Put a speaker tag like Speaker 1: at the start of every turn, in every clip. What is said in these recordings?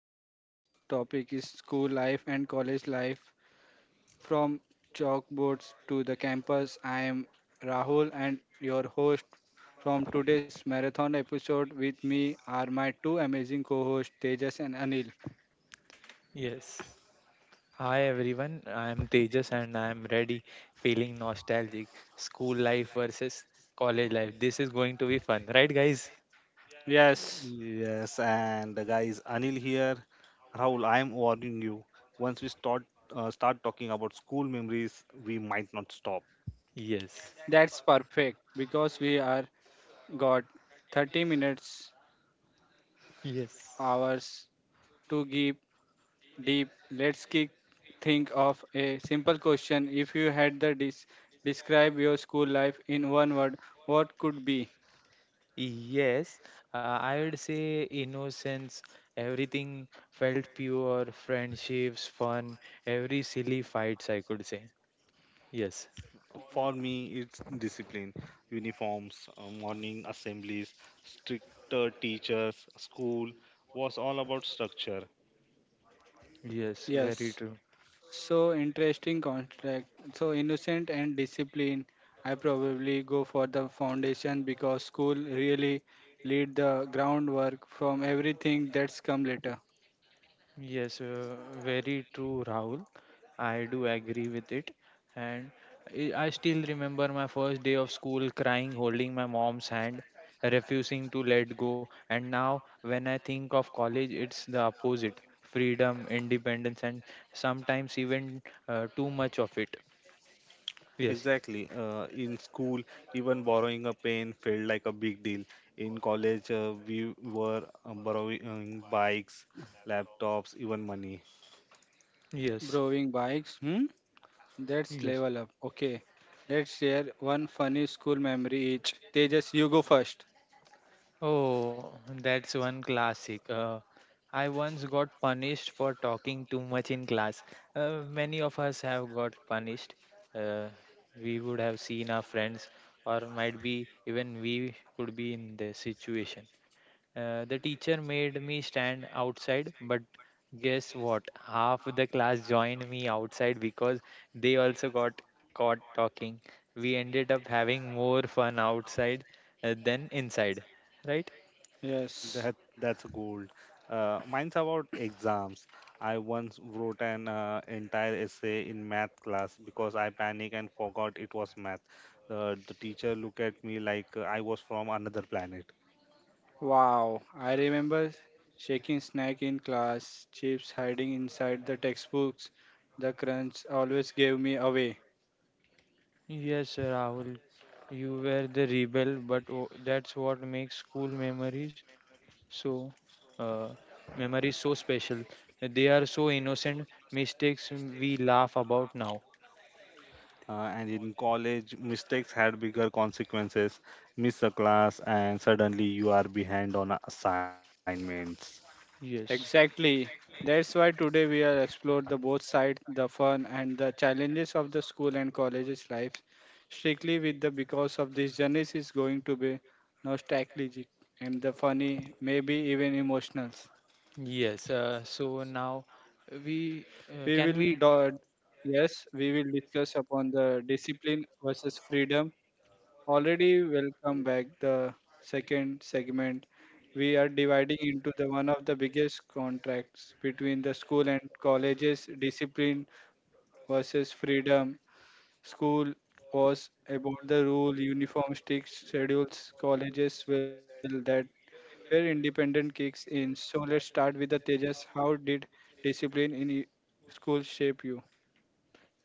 Speaker 1: So, today's topic is school life and college life from chalkboards to the campus. I am Rahul and your host from today's marathon episode. With me are my two amazing co hosts, Tejas and Anil.
Speaker 2: Yes. Hi everyone, I am Tejas and I am ready feeling nostalgic. School life versus college life. This is going to be fun, right guys?
Speaker 1: Yes,
Speaker 3: Yes, and the guy is Anil here. Rahul, I am warning you. Once we start start talking about school memories, we might not stop.
Speaker 2: Yes.
Speaker 1: that's perfect because we are got 30 minutes
Speaker 2: Yes.
Speaker 1: hours to give deep. Let's kick, think of a simple question. If you had the describe your school life in one word, what could be?
Speaker 2: Yes, I would say innocence. Everything felt pure, friendships, fun, every silly fights, I could say. Yes,
Speaker 3: For me, it's discipline, uniforms, morning assemblies, stricter teachers. School was all about structure.
Speaker 2: yes, very
Speaker 1: Yes.
Speaker 2: true.
Speaker 1: So interesting contract. So innocent and discipline. I probably go for the foundation because school really lead the groundwork from everything that's come later.
Speaker 2: Yes, uh, Very true, Rahul. I do agree with it. And I still remember my first day of school crying, holding my mom's hand, refusing to let go. And now, when I think of college, it's the opposite freedom, independence, and sometimes even too much of it. Yes,
Speaker 3: Exactly. In school, even borrowing a pen felt like a big deal. In college, we were borrowing bikes, laptops, even money.
Speaker 2: yes,
Speaker 1: Browing bikes. Hmm. That's
Speaker 2: yes.
Speaker 1: level up. Okay. Let's share one funny school memory each. Tejas, you go first.
Speaker 2: Oh, that's one classic. I once got punished for talking too much in class. Many of us have got punished. Uh, we would have seen our friends, or might be even we could be in the situation. The teacher made me stand outside, but guess what? Half the class joined me outside because they also got caught talking. We ended up having more fun outside than inside, right?
Speaker 1: Yes.
Speaker 3: That's gold. Mine's about exams. I once wrote an entire essay in math class because I panicked and forgot it was math. The teacher looked at me like I was from another planet.
Speaker 1: Wow, I remember shaking snack in class, chips hiding inside the textbooks. The crunch always gave me away.
Speaker 2: Yes, Rahul, you were the rebel, but that's what makes school memories so uh, memories so special. They are so innocent mistakes we laugh about now.
Speaker 3: And in college, mistakes had bigger consequences. Miss a class, and suddenly you are behind on assignments.
Speaker 2: Yes,
Speaker 1: Exactly. That's why today we are explore the both sides, the fun and the challenges of the school and college's life. Strictly with the because of this journey is going to be nostalgic and the funny, maybe even emotional.
Speaker 2: yes. So now we
Speaker 1: We
Speaker 2: can
Speaker 1: will
Speaker 2: we
Speaker 1: do- yes, we will discuss upon the discipline versus freedom. Already welcome back the second segment. We are dividing into the one of the biggest contracts between the school and colleges discipline versus freedom. School was about the rule, uniform strict schedules, colleges will that where independent kicks in. So let's start with the Tejas. How did discipline in school shape you?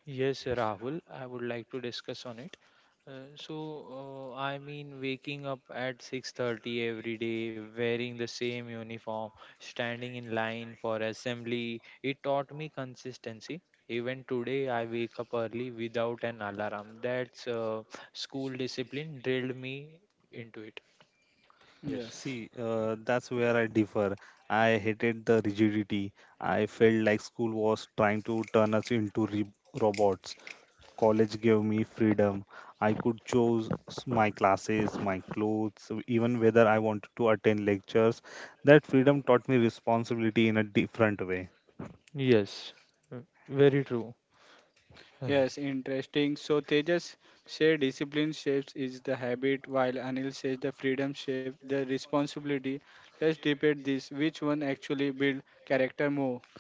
Speaker 2: Yes, Rahul, I would like to discuss on it. So, I mean, waking up at 6:30 every day, wearing the same uniform, standing in line for assembly, it taught me consistency. Even today, I wake up early without an alarm. That's school discipline drilled me into it. Yes.
Speaker 1: Yes.
Speaker 3: See, that's where I differ. I hated the rigidity. I felt like school was trying to turn us into robots. College gave me freedom. I could choose my classes, my clothes, even whether I wanted to attend lectures. That freedom taught me responsibility in a different way.
Speaker 2: Yes. uh, Very true.
Speaker 1: Yes, interesting. So Tejas say discipline shapes is the habit, while Anil says the freedom shape the responsibility. Let's debate this. Which one actually build character more?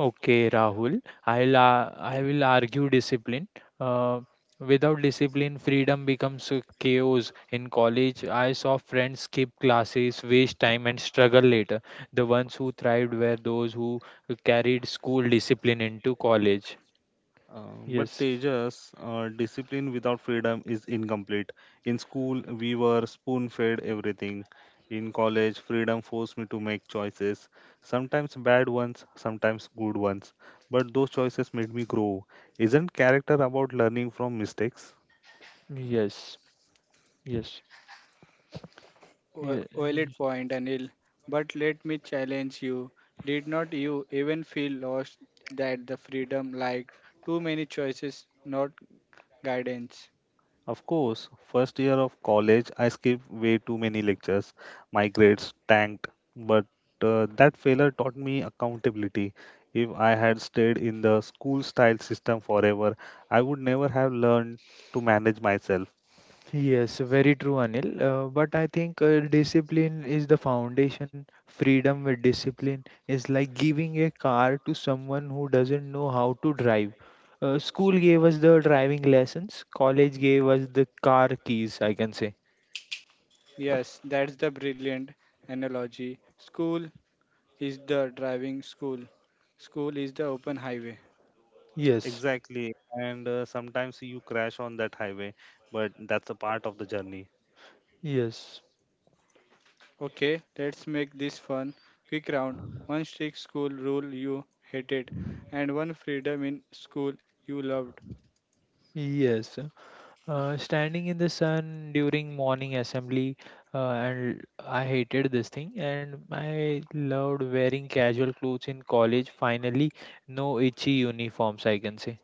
Speaker 2: Okay, Rahul. I will argue discipline. Uh, Without discipline, freedom becomes a chaos. In college, I saw friends skip classes, waste time, and struggle later. The ones who thrived were those who carried school discipline into college.
Speaker 3: But
Speaker 2: Yes,
Speaker 3: Tejas, discipline without freedom is incomplete. In school, we were spoon-fed everything. In college, freedom forced me to make choices, sometimes bad ones, sometimes good ones. But those choices made me grow. Isn't character about learning from mistakes?
Speaker 2: yes, yes,
Speaker 1: Valid
Speaker 2: yes.
Speaker 1: point, Anil. But let me challenge you. Did not you even feel lost that the freedom like too many choices, not guidance?
Speaker 3: Of course, first year of college, I skipped way too many lectures. My grades tanked, but that failure taught me accountability. If I had stayed in the school style system forever, I would never have learned to manage myself.
Speaker 2: Yes, Very true, Anil. But I think discipline is the foundation. Freedom with discipline is like giving a car to someone who doesn't know how to drive. School gave us the driving lessons, college gave us the car keys, I can say.
Speaker 1: Yes, that's the brilliant analogy. School is the driving school. School is the open highway.
Speaker 2: Yes,
Speaker 3: Exactly. And sometimes you crash on that highway, but that's a part of the journey.
Speaker 2: yes,
Speaker 1: Okay, let's make this fun. Quick round. One strict school rule you hated, and one freedom in school you loved.
Speaker 2: yes. Standing in the sun during morning assembly, and I hated this thing. And I loved wearing casual clothes in college. Finally, no itchy uniforms, I can say.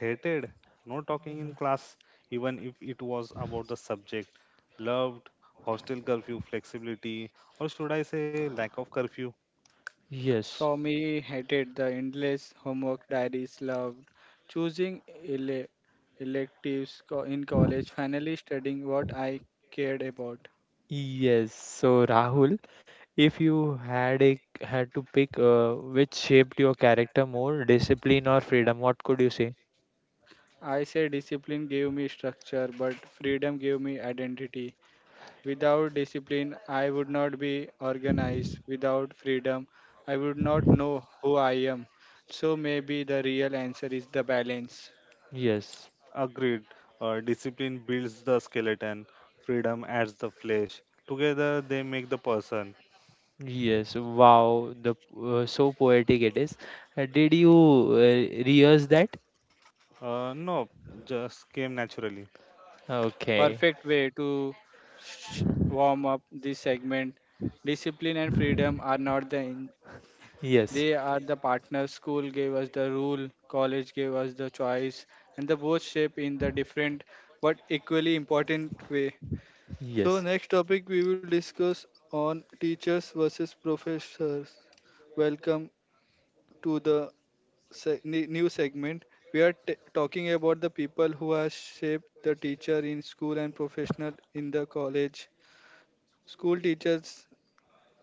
Speaker 3: Hated, no talking in
Speaker 2: Uh,
Speaker 3: class, even if it was about the subject, loved, hostel curfew, flexibility, or should I say lack of curfew?
Speaker 2: Yes,
Speaker 1: For me, hated the endless homework diaries, loved choosing electives in college, finally studying what I cared about.
Speaker 2: yes. So Rahul, if you had to pick, which shaped your character more, discipline or freedom, what could you say?
Speaker 1: I say discipline gave me structure, but freedom gave me identity. Without discipline, I would not be organized. Without freedom, I would not know who I am. So maybe the real answer is the balance.
Speaker 2: Yes,
Speaker 3: Agreed, discipline builds the skeleton, freedom adds the flesh. Together they make the person.
Speaker 2: yes. Wow, the so poetic it is. Did you rehearse that?
Speaker 3: No, just came naturally.
Speaker 2: Okay.
Speaker 1: Perfect way to sh- warm up this segment. Discipline and freedom are not the,
Speaker 2: Yes.
Speaker 1: they are the partners. School gave us the rule, college gave us the choice, and the both shape in the different but equally important way. So
Speaker 2: Yes.
Speaker 1: next topic we will discuss on teachers versus professors. Welcome to the new segment. We are talking about the people who have shaped the teacher in school and professional in the college. School teachers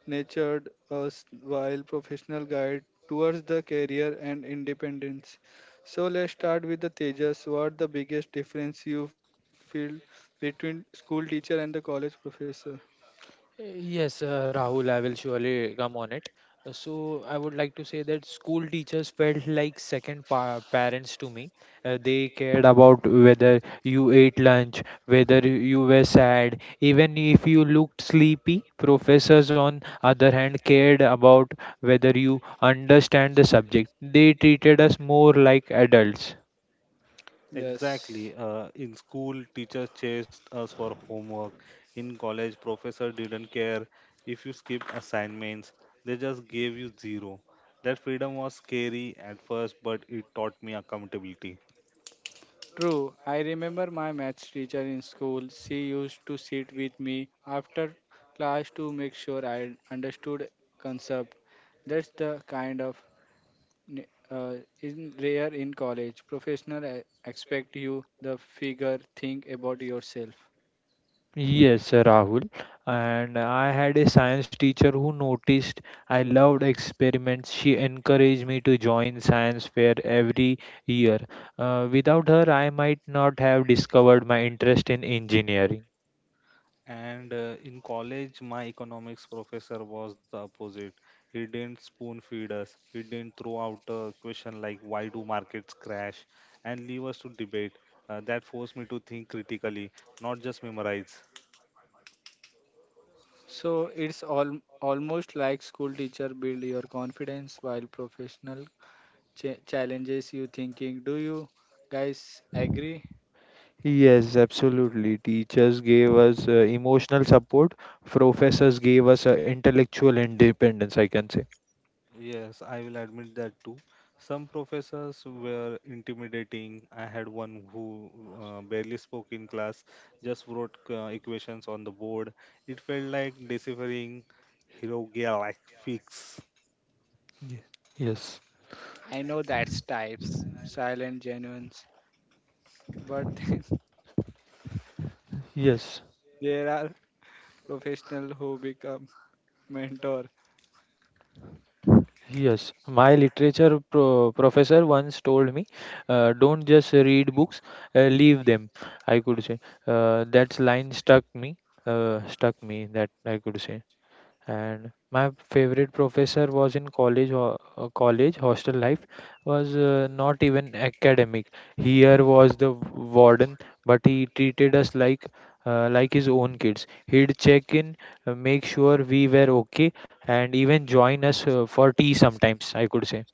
Speaker 1: nurtured us while professional guide towards the career and independence. So let's start with the Tejas. What the biggest difference you feel between school teacher and the college professor?
Speaker 2: Yes, Rahul, I will surely come on it. I would like to say that school teachers felt like second pa parents to me. They cared about whether you ate lunch, whether you were sad, even if you looked sleepy. Professors, on other hand, cared about whether you understand the subject. They treated us more like adults.
Speaker 1: Yes.
Speaker 3: Exactly. In school, teachers chased us for homework. In college, professor didn't care if you skipped assignments. They just gave you zero. That freedom was scary at first, but it taught me accountability.
Speaker 1: True, I remember my maths teacher in school. She used to sit with me after class to make sure I understood concept. That's the kind of n- uh, in rare in college. Professional expect you the figure think about yourself.
Speaker 2: Yes, Rahul. And I had a science teacher who noticed I loved experiments. She encouraged me to join science fair every year. Without her, I might not have discovered my interest in engineering.
Speaker 3: And in college, my economics professor was the opposite. He didn't spoon feed us. He didn't throw out a question like "Why do markets crash?" and leave us to debate. That forced me to think critically, not just memorize.
Speaker 1: So it's all almost like school teacher build your confidence while professional challenges you thinking. Do you guys agree?
Speaker 2: Yes, absolutely. Teachers gave us emotional support. Professors gave us intellectual independence, I can say.
Speaker 3: Yes, I will admit that too. Some professors were intimidating. I had one who barely spoke in class, just wrote equations on the board. It felt like deciphering hieroglyphics.
Speaker 2: Ye- Yes.
Speaker 1: I know that's types, silent genuines, but then
Speaker 2: Yes.
Speaker 1: there are professionals who become mentor.
Speaker 2: Yes, my literature professor once told me, don't just read books, leave them. I could say that line stuck me, stuck me. That I could say and my favorite professor was in college or college hostel life was not even academic here was the warden but he treated us like his own kids he'd check in make sure we were okay and even join us for tea sometimes I could say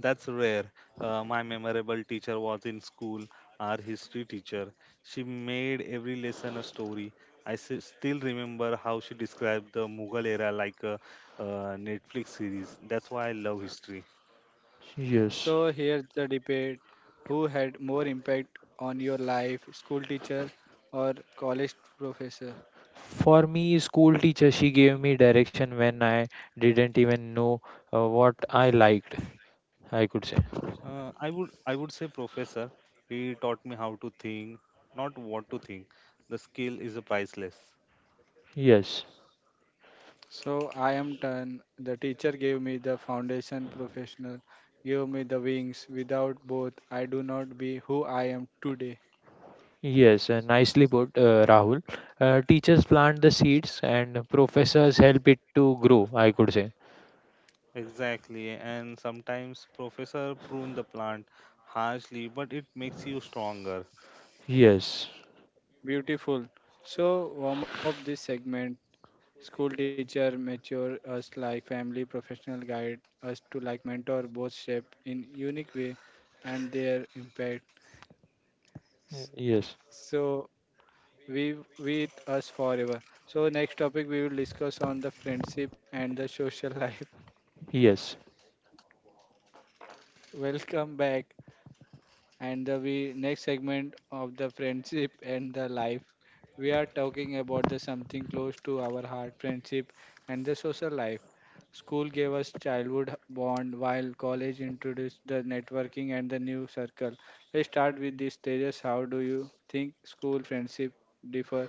Speaker 3: That's rare. My memorable teacher was in school, our history teacher. She made every lesson a story. I still remember how she described the Mughal era like a Netflix series. That's why I love history.
Speaker 2: Yes.
Speaker 1: So here's the debate: who had more impact on your life, school teacher or college professor?
Speaker 2: For me, school teacher, she gave me direction when I didn't even know what I liked, I could say.
Speaker 3: I would say professor. He taught me how to think, not what to think. The skill is a priceless.
Speaker 2: Yes.
Speaker 1: So I am done. The teacher gave me the foundation, professional gave me the wings. Without both, I do not be who I am today.
Speaker 2: Yes, Nicely put, Rahul. Teachers plant the seeds and professors help it to grow, I could say.
Speaker 3: Exactly, and sometimes professor prune the plant harshly, but it makes you stronger.
Speaker 2: Yes,
Speaker 1: Beautiful. So warm up this segment. School teacher mature us like family, professional guide us to like mentor, both shape in unique way and their impact.
Speaker 2: y-
Speaker 1: s-
Speaker 2: yes,
Speaker 1: So we with us forever. So next topic we will discuss on the friendship and the social life.
Speaker 2: yes.
Speaker 1: Welcome back and the we next segment of the friendship and the life. We are talking about the something close to our heart, friendship and the social life. School gave us childhood bond while college introduced the networking and the new circle. Let's start with these stages. How do you think school friendship differ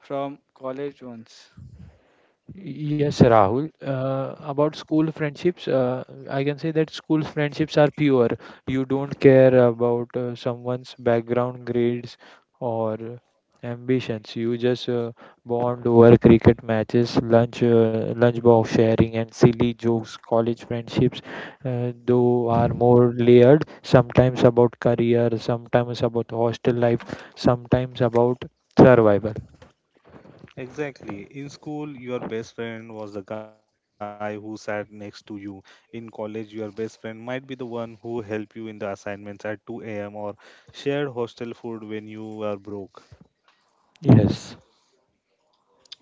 Speaker 1: from college ones?
Speaker 2: Yes, Rahul. About school friendships, I can say that school friendships are pure. You don't care about someone's background, grades, or ambitions. You just bond over cricket matches, lunch, lunchbox sharing, and silly jokes. College friendships, though, are more layered. Sometimes about career, sometimes about hostel life, sometimes about survival.
Speaker 3: Exactly. In school, your best friend was the guy who sat next to you. In college, your best friend might be the one who helped you in the assignments at 2 a.m. or shared hostel food when you were broke.
Speaker 2: Yes.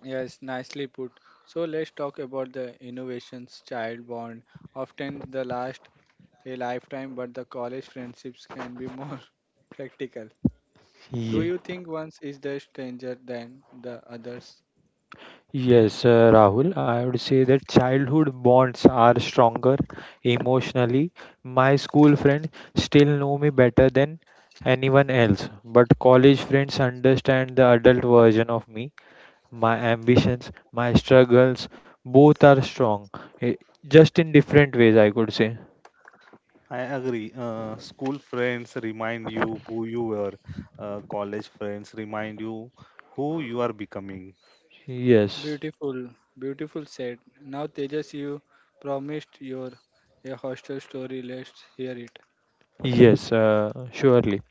Speaker 1: Yes, nicely put. So let's talk about the innovations child bond. Often the last a lifetime, but the college friendships can be more practical. Do you think one is the stranger than the others?
Speaker 2: Yes, Rahul, I would say that childhood bonds are stronger emotionally. My school friends still know me better than anyone else, but college friends understand the adult version of me. My ambitions, my struggles, both are strong, eh, just in different ways, I could say.
Speaker 3: I agree. School friends remind you who you were. College friends remind you who you are becoming.
Speaker 2: Yes,
Speaker 1: Beautiful, beautiful said. Now, Tejas, you promised your a hostel story. Let's hear it.
Speaker 2: yes, surely.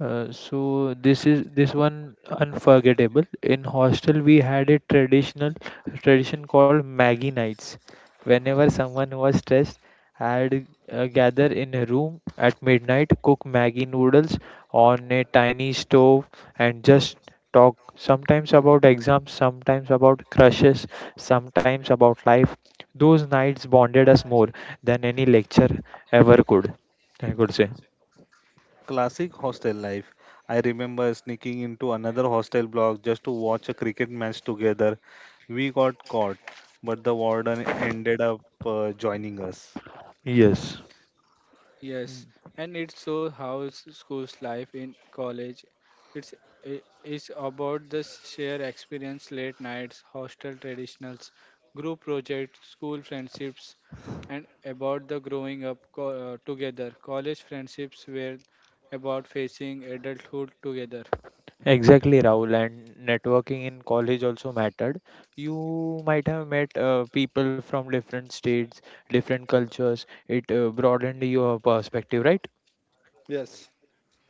Speaker 2: So this is this one unforgettable. In hostel we had a tradition called Maggie nights. Whenever someone was stressed, I'd gather in a room at midnight, cook Maggie noodles on a tiny stove, and just talk. Sometimes about exams, sometimes about crushes, sometimes about life. Those nights bonded us more than any lecture ever could. I could say.
Speaker 3: Classic hostel life. I remember sneaking into another hostel block just to watch a cricket match together. We got caught, but the warden ended up joining us.
Speaker 2: Yes.
Speaker 1: Yes, and it shows how school's life in college. It's i- it's about the shared experience, late nights, hostel traditionals, group projects, school friendships, and about the growing up together. College friendships were about facing adulthood together.
Speaker 2: Exactly, Rahul, and networking in college also mattered. You might have met people from different states, different cultures. It broadened your perspective, right?
Speaker 1: Yes.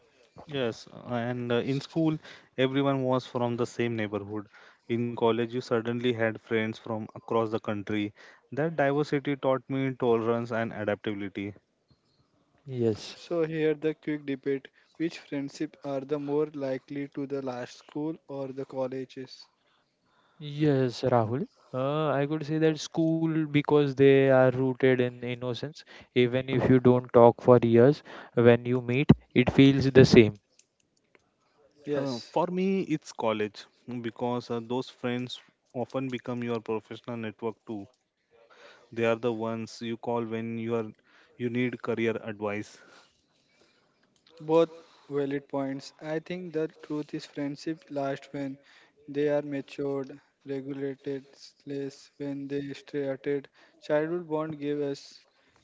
Speaker 3: Yes, and in school, everyone was from the same neighborhood. In college, you suddenly had friends from across the country. That diversity taught me tolerance and adaptability.
Speaker 2: Yes.
Speaker 1: So here the quick debate. Which friendship are the more likely to the last school or the colleges?
Speaker 2: Yes, Rahul. I could say that school because they are rooted in innocence. Even if you don't talk for years, when you meet, it feels the same.
Speaker 3: Uh,
Speaker 1: Yes.
Speaker 3: for me, it's college mm, because those friends often become your professional network too. They are the ones you call when you need career advice.
Speaker 1: Both valid points. I think the truth is friendship lasts when they are matured, regulated, less when they started. Childhood bond give us,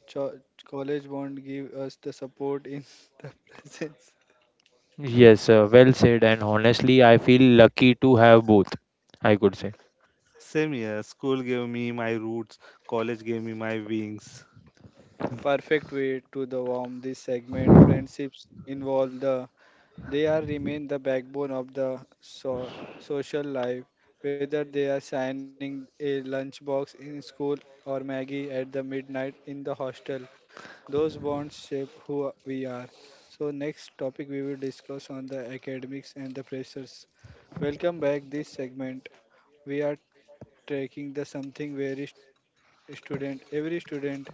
Speaker 1: cho- college bond give us the support in the presence.
Speaker 2: Yes, well said. And honestly, I feel lucky to have both. I could say.
Speaker 3: Same here, school gave me my roots, college gave me my wings.
Speaker 1: Perfect way to the warm this segment. Friendships involve the. They are remain the backbone of the social life, whether they are signing a lunchbox in school or Maggie at the midnight in the hostel. Those bonds shape who we are. So next topic we will discuss on the academics and the pressures. Welcome back this segment. We are taking the every student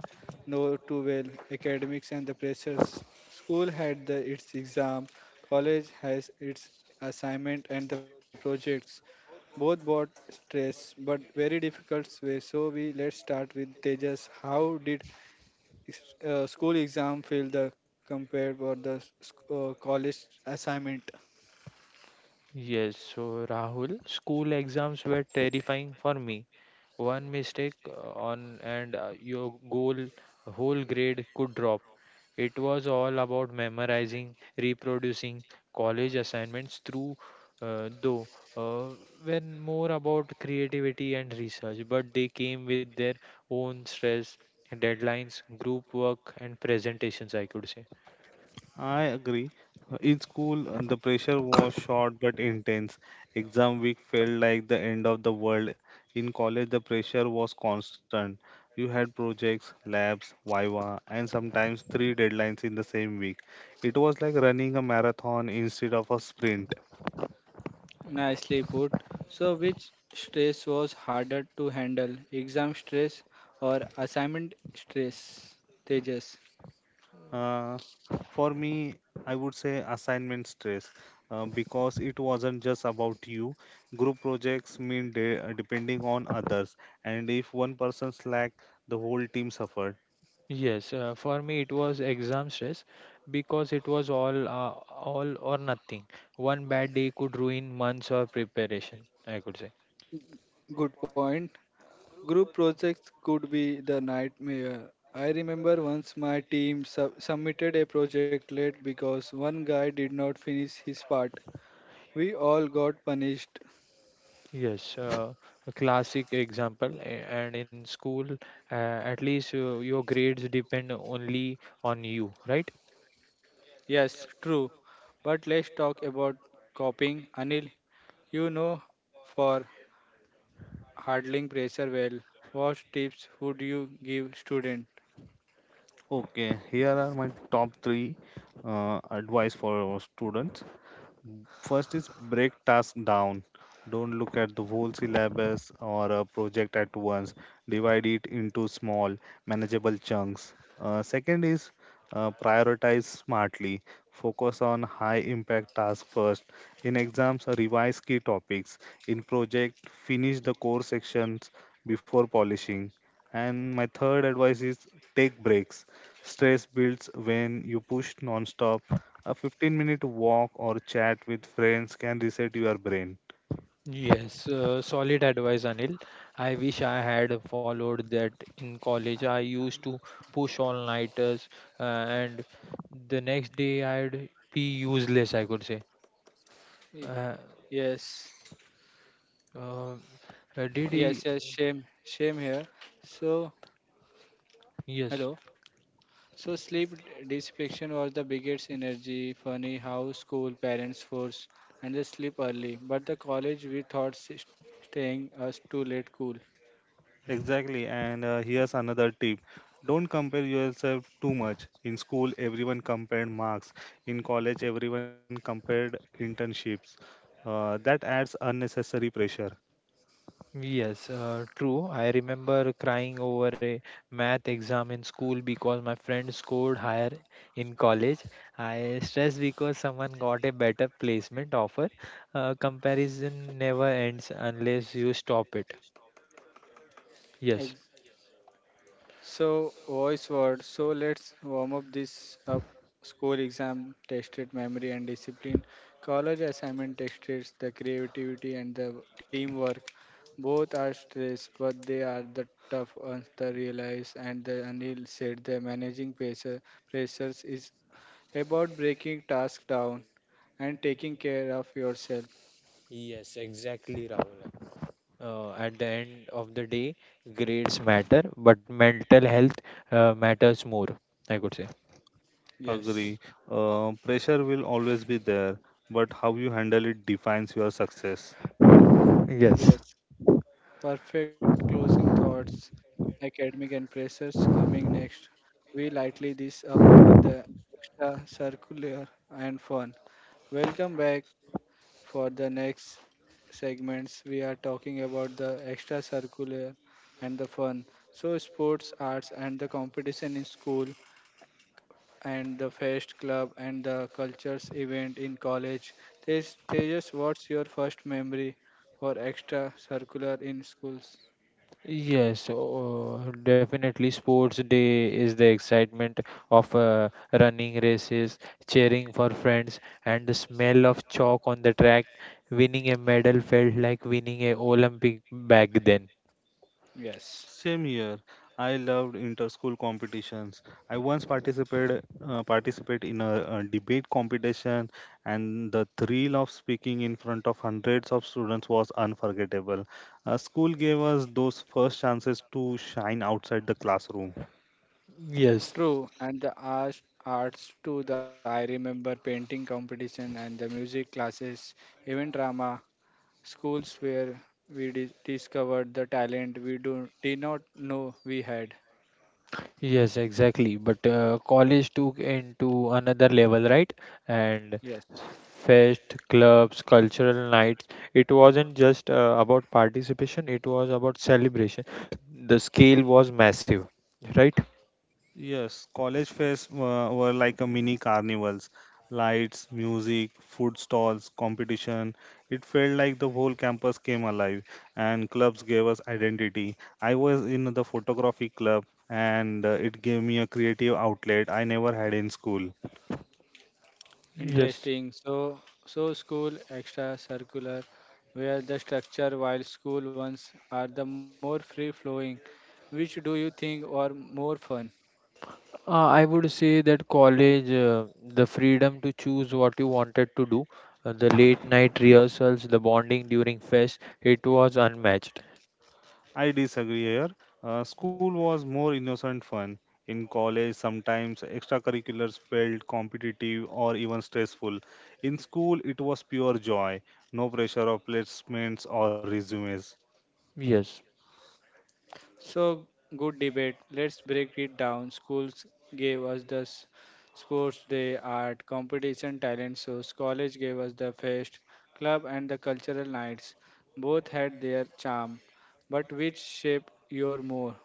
Speaker 1: know too well academics and the pressures. School had the, its exam, college has its assignment and the projects. Both brought stress, but very difficult way. So we let's start with Tejas. How did school exam feel the compared for the college assignment?
Speaker 2: Yes, so Rahul, school exams were terrifying for me. One mistake on and your goal whole grade could drop. It was all about memorizing, reproducing college assignments through though uh, when more about creativity and research, but they came with their own stress, deadlines, group work and presentations, I could say.
Speaker 3: I agree. In school, the pressure was short but intense. Exam week felt like the end of the world. In college, the pressure was constant. You had projects, labs, viva, and sometimes three deadlines in the same week. It was like running a marathon instead of a sprint.
Speaker 1: Nicely put. So, which stress was harder to handle, exam stress or assignment stress? Tejas.
Speaker 3: Uh, for me, I would say assignment stress because it wasn't just about you. Group projects mean depending on others, and if one person slack, the whole team suffered.
Speaker 2: Yes, for me it was exam stress because it was all or nothing. One bad day could ruin months of preparation, I could say.
Speaker 1: Good point. Group projects could be the nightmare. I remember once my team submitted a project late because one guy did not finish his part. We all got punished.
Speaker 2: Yes, uh, a classic example. And in school, at least your grades depend only on you, right?
Speaker 1: Yes, true. But let's talk about copying. Anil, you know for handling pressure well. What tips would you give student?
Speaker 3: Okay, here are my top three advice for our students. First is break task down. Don't look at the whole syllabus or a project at once. Divide it into small, manageable chunks. Second is prioritize smartly. Focus on high impact tasks first. In exams, revise key topics. In project, finish the core sections before polishing. And my third advice is take breaks. Stress builds when you push non-stop a 15-minute walk or chat with friends can reset your brain.
Speaker 2: Yes, Solid advice, Anil. I wish I had followed that in college.
Speaker 1: Ah,
Speaker 2: I used to push all-nighters, and the next day I'd be useless, I could say.
Speaker 1: Y-
Speaker 2: Uh,
Speaker 1: yes,
Speaker 2: uh, did he?
Speaker 1: yes, yes. Shame, shame here. So
Speaker 2: Yes.
Speaker 1: hello. So sleep deprivation was the biggest energy. Funny how school parents force and they sleep early, but the college we thought staying us too late cool.
Speaker 3: Exactly. And here's another tip don't compare yourself too much. In school, everyone compared marks, in college, everyone compared internships. That adds unnecessary pressure.
Speaker 2: Yes, True. I remember crying over a math exam in school because my friend scored higher in college. I stressed because someone got a better placement offer. Comparison never ends unless you stop it. Yes.
Speaker 1: So, voice word. So, let's warm up this up. School exam tested memory and discipline. College assignment tested the creativity and the teamwork. Both are stress, but they are the tough ones to realize. And the Anil said the managing pressures is about breaking tasks down and taking care of yourself.
Speaker 2: Yes, exactly, Rahul. At the end of the day, grades matter, but mental health matters more, I could say.
Speaker 3: Agree.
Speaker 1: Yes.
Speaker 3: Pressure will always be there, but how you handle it defines your success.
Speaker 2: Yes.
Speaker 1: Yes. Perfect closing thoughts. Academic and pressures coming next. We lightly this up with the extra circular and fun. Welcome back for the next segments. We are talking about the extra circular and the fun. So sports, arts and the competition in school and the fest club and the cultures event in college. Tejas, what's your first memory for extra circular in schools?
Speaker 2: Yes, oh, definitely. Sports day is the excitement of running races, cheering for friends, and the smell of chalk on the track. Winning a medal felt like winning a Olympic back then.
Speaker 1: Yes,
Speaker 3: Same year, I loved inter-school competitions. I once participate in a debate competition, and the thrill of speaking in front of hundreds of students was unforgettable. School gave us those first chances to shine outside the classroom.
Speaker 2: Yes.
Speaker 1: true. And the arts, arts too. The I remember painting competition and the music classes, even drama schools where we discovered the talent we do did not know we had.
Speaker 2: Yes, exactly. But college took into another level, right? And
Speaker 1: Yes,
Speaker 2: fest, clubs, cultural nights. It wasn't just about participation, it was about celebration. The scale was massive, right?
Speaker 3: Yes, college fest were like a mini carnivals. Lights, music, food stalls, competition. It felt like the whole campus came alive and clubs gave us identity. I was in the photography club and it gave me a creative outlet I never had in school.
Speaker 2: Yes.
Speaker 1: interesting. So so school extra circular, where the structure while school ones are the more free flowing. Which do you think are more fun?
Speaker 2: I would say that college, the freedom to choose what you wanted to do, the late night rehearsals, the bonding during fest, it was unmatched.
Speaker 3: I disagree here. School was more innocent fun. In college, sometimes extracurriculars felt competitive or even stressful. In school, it was pure joy, no pressure of placements or resumes.
Speaker 2: Yes.
Speaker 1: So, good debate. Let's break it down. Schools gave us the sports day, art, competition, talent shows. College gave us the fest, club, and the cultural nights. Both had their charm, but which shaped your more?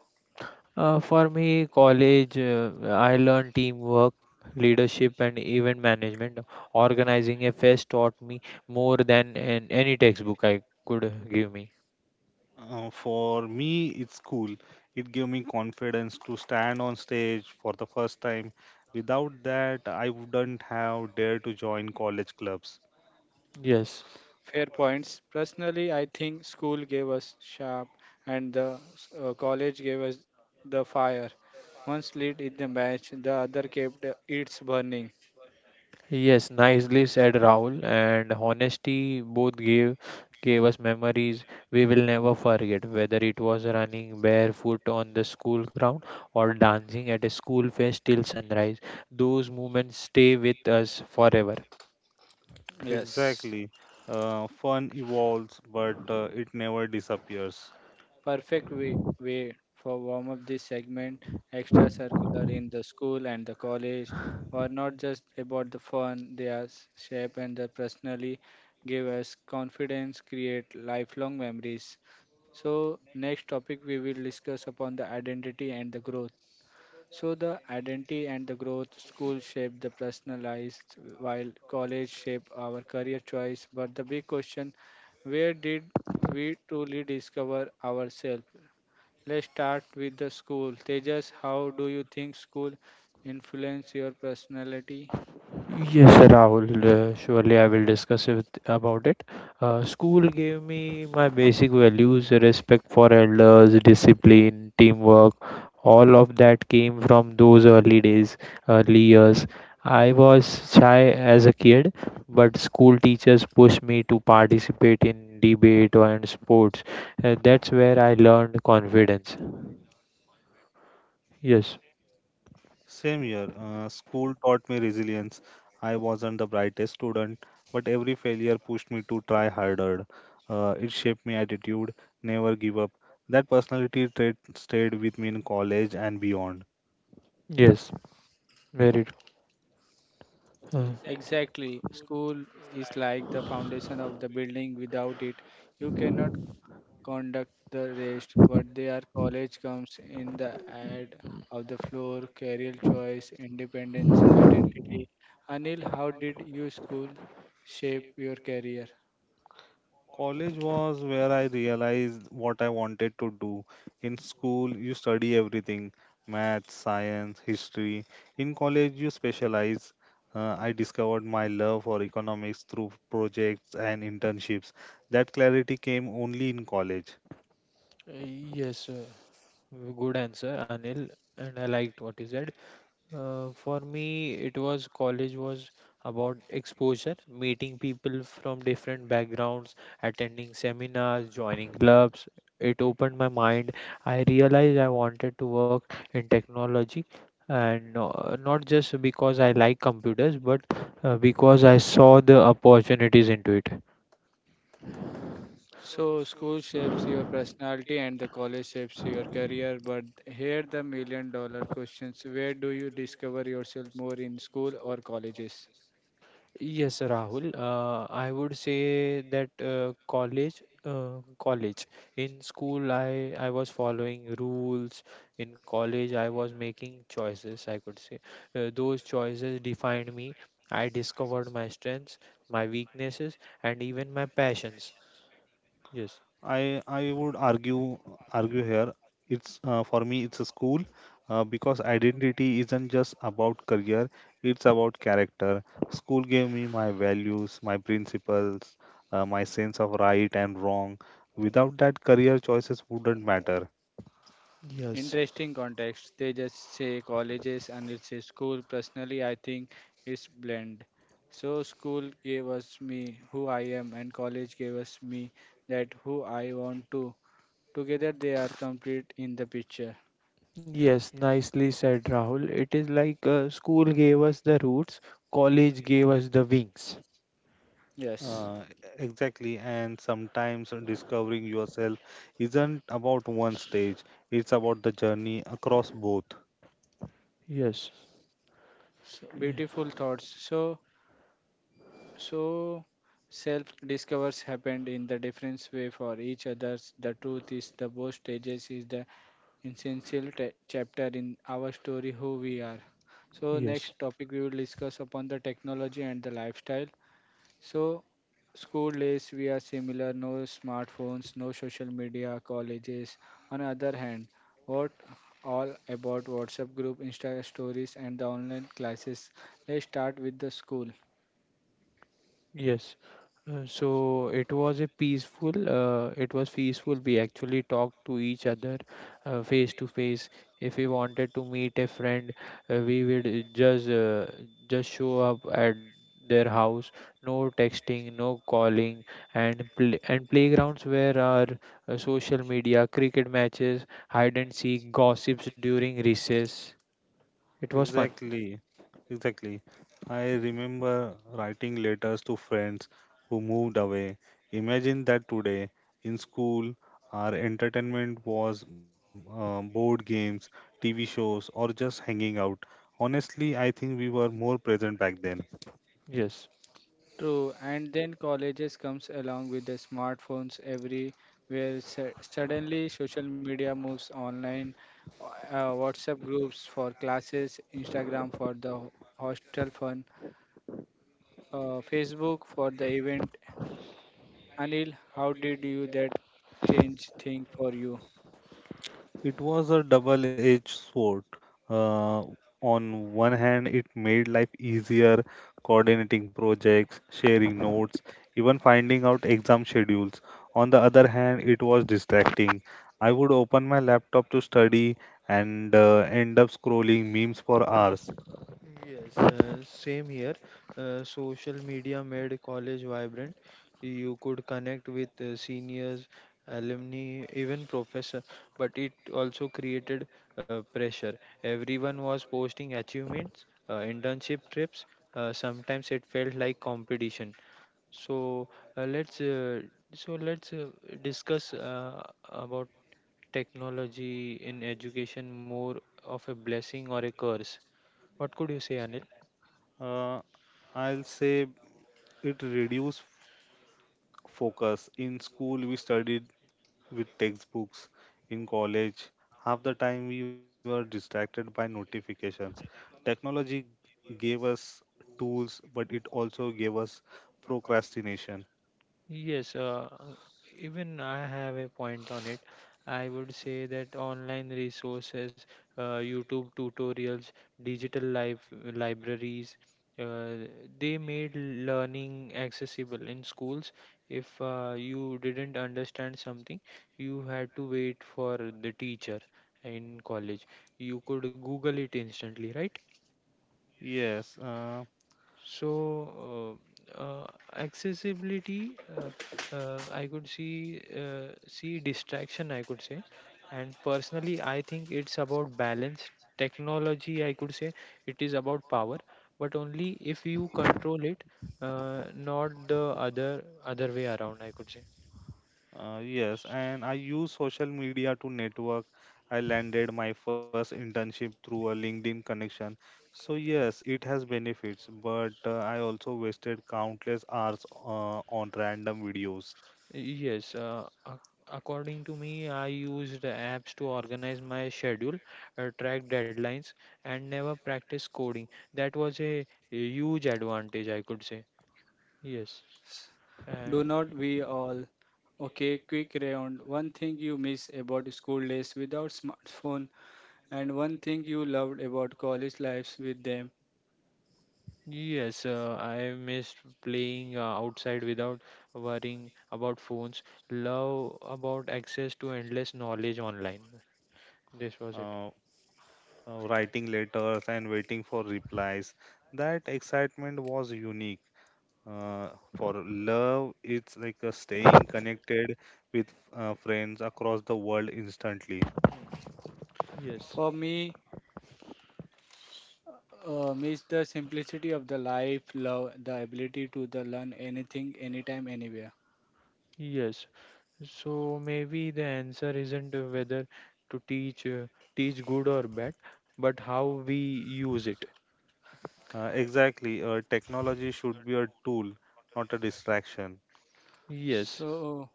Speaker 2: For me, college, I learned teamwork, leadership, and event management. Organizing a fest taught me more than an, any textbook I could give me.
Speaker 3: For me, it's school. It gave me confidence to stand on stage for the first time. Without that, I wouldn't have dared to join college clubs.
Speaker 2: Yes,
Speaker 1: Fair points. Personally, I think school gave us sharp, and the college gave us the fire. One lit in the match, the other kept its burning.
Speaker 2: yes, Nicely said Rahul. And honesty both gave us memories we will never forget. Whether it was running barefoot on the school ground or dancing at a school fest till sunrise, those moments stay with us forever.
Speaker 1: Yes.
Speaker 3: Exactly. Fun evolves, but it never disappears.
Speaker 1: Perfect way for warm up this segment. Extra circular in the school and the college are not just about the fun, they are shape and the personally give us confidence, create lifelong memories. So next topic we will discuss upon the identity and the growth. So the identity and the growth, school shape the personalized, while college shape our career choice. But the big question, where did we truly discover ourselves? Let's start with the school. Tejas, how do you think school influence your personality?
Speaker 2: Yes, Rahul, surely I will discuss it, about it. School gave me my basic values, respect for elders, discipline, teamwork, all of that came from those early years. I was shy as a kid, but school teachers pushed me to participate in debate and sports. That's where I learned confidence. Yes,
Speaker 3: Same year, school taught me resilience. I wasn't the brightest student, but every failure pushed me to try harder. It shaped my attitude, never give up. That personality trait stayed with me in college and beyond.
Speaker 2: yes, very true. Uh,
Speaker 1: Exactly. School is like the foundation of the building. Without it, you cannot conduct the rest, but their college comes in the ad of the floor, career choice, independence, identity. Anil, how did your school shape your career?
Speaker 3: College was where I realized what I wanted to do. In school, you study everything math, science, history. In college, you specialize. I discovered my love for economics through projects and internships. That clarity came only in college.
Speaker 2: yes. Sir. Good answer, Anil, and I liked what you said. For me, it was about exposure, meeting people from different backgrounds, attending seminars, joining clubs. It opened my mind. I realized I wanted to work in technology and not just because I like computers, but because I saw the opportunities into it.
Speaker 1: So school shapes your personality and the college shapes your career, but here the million dollar questions. Where do you discover yourself more in school or colleges?
Speaker 2: Yes, Rahul. I would say that college. In school, I was following rules. In college, I was making choices. I could say those choices defined me. I discovered my strengths, my weaknesses, and even my passions. Yes.
Speaker 3: I would argue here. It's for me it's a school because identity isn't just about career. It's about character. School gave me my values, my principles, my sense of right and wrong. Without that, career choices wouldn't matter.
Speaker 2: Yes,
Speaker 1: Interesting context. They just say colleges and it says school. Personally, I think it's blend. So school gave us me who I am and college gave us me that who I want to. Together they are complete in the picture.
Speaker 2: yes, Nicely said, Rahul. It is like school gave us the roots, college gave us the wings.
Speaker 1: Yes.
Speaker 3: Uh, exactly, and sometimes discovering yourself isn't about one stage. It's about the journey across both.
Speaker 2: Yes,
Speaker 1: So,
Speaker 2: ye-
Speaker 1: beautiful thoughts. So self discovers happened in the different way for each others. The truth is the both stages is the essential chapter in our story who we are. So
Speaker 2: yes,
Speaker 1: next topic we will discuss upon the technology and the lifestyle. So school days we are similar, no smartphones, no social media. Colleges on other hand, what all about WhatsApp group, insta stories and the online classes. Let's start with the school.
Speaker 2: yes. So it was a it was peaceful. We actually talked to each other face to face. If we wanted to meet a friend, we would just show up at their house. No texting, no calling, and and playgrounds where our social media, cricket matches, hide and seek, gossips during recess. It was fun.
Speaker 3: Exactly, exactly. I remember writing letters to friends who moved away. Imagine that today in school, our entertainment was board games, TV shows, or just hanging out. Honestly, I think we were more present back then.
Speaker 2: Yes.
Speaker 1: True, and then colleges comes along with the smartphones everywhere. Suddenly, social media moves online, WhatsApp groups for classes, Instagram for the hostel fun, Facebook for the event. Anil, how did you that change thing for you?
Speaker 3: It was a double-edged sword. Uh, on one hand, it made life easier, coordinating projects, sharing notes, even finding out exam schedules. On the other hand, it was distracting. I would open my laptop to study and end up scrolling memes for hours.
Speaker 2: Yes, Same here. Social media made college vibrant. You could connect with seniors, alumni, even professor, but it also created pressure. Everyone was posting achievements, internship trips. Sometimes it felt like competition. So uh, let's uh, so let's discuss about technology in education more of a blessing or a curse. What could you say, Anil?
Speaker 3: Uh, I'll say it reduced focus. In school, we studied with textbooks in college. Half the time we were distracted by notifications. Technology gave us tools, but it also gave us procrastination.
Speaker 2: Yes, uh, Even I have a point on it. I would say that online resources, YouTube tutorials, digital life libraries, uh, they made learning accessible in schools. If you didn't understand something, you had to wait for the teacher in college. You could Google it instantly, right?
Speaker 3: Yes, uh,
Speaker 2: So, uh, uh, Accessibility, uh, I could see see distraction, I could say, and personally, I think it's about balance. Technology, I could say, it is about power, but only if you control it, not the other way around, I could say.
Speaker 3: yes, and I use social media to network. I landed my first internship through a LinkedIn connection. So yes, it has benefits, but I also wasted countless hours on random videos.
Speaker 2: Yes, uh, ac- According to me, I used apps to organize my schedule, track deadlines, and never practice coding. That was a huge advantage, I could say. Yes, and
Speaker 1: Do not we all? Okay, quick round. One thing you miss about school days without smartphone, and one thing you loved about college lives with them.
Speaker 2: yes, I missed playing outside without worrying about phones. Love about access to endless knowledge online. This was it.
Speaker 3: Uh, Writing letters and waiting for replies. That excitement was unique. For love, it's like staying connected with friends across the world instantly.
Speaker 2: Yes,
Speaker 1: For me, miss the simplicity of the life, love, the ability to the learn anything, anytime, anywhere.
Speaker 2: yes. So maybe the answer isn't whether to teach good or bad, but how we use it.
Speaker 3: Exactly, technology should be a tool, not a distraction.
Speaker 2: Yes,
Speaker 1: So,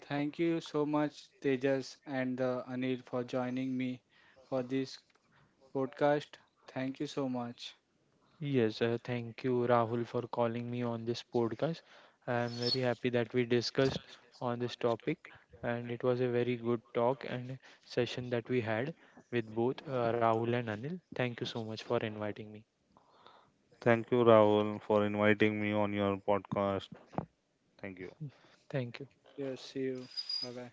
Speaker 1: thank you so much, Tejas and Anil, for joining me for this podcast. Thank you so much.
Speaker 2: yes. Thank you, Rahul, for calling me on this podcast. I am very happy that we discussed on this topic, and it was a very good talk and session that we had with both Rahul and Anil. Thank you so much for inviting me.
Speaker 3: Thank you, Rahul, for inviting me on your podcast. Thank you.
Speaker 2: Thank you.
Speaker 1: Yes, see you. Bye bye.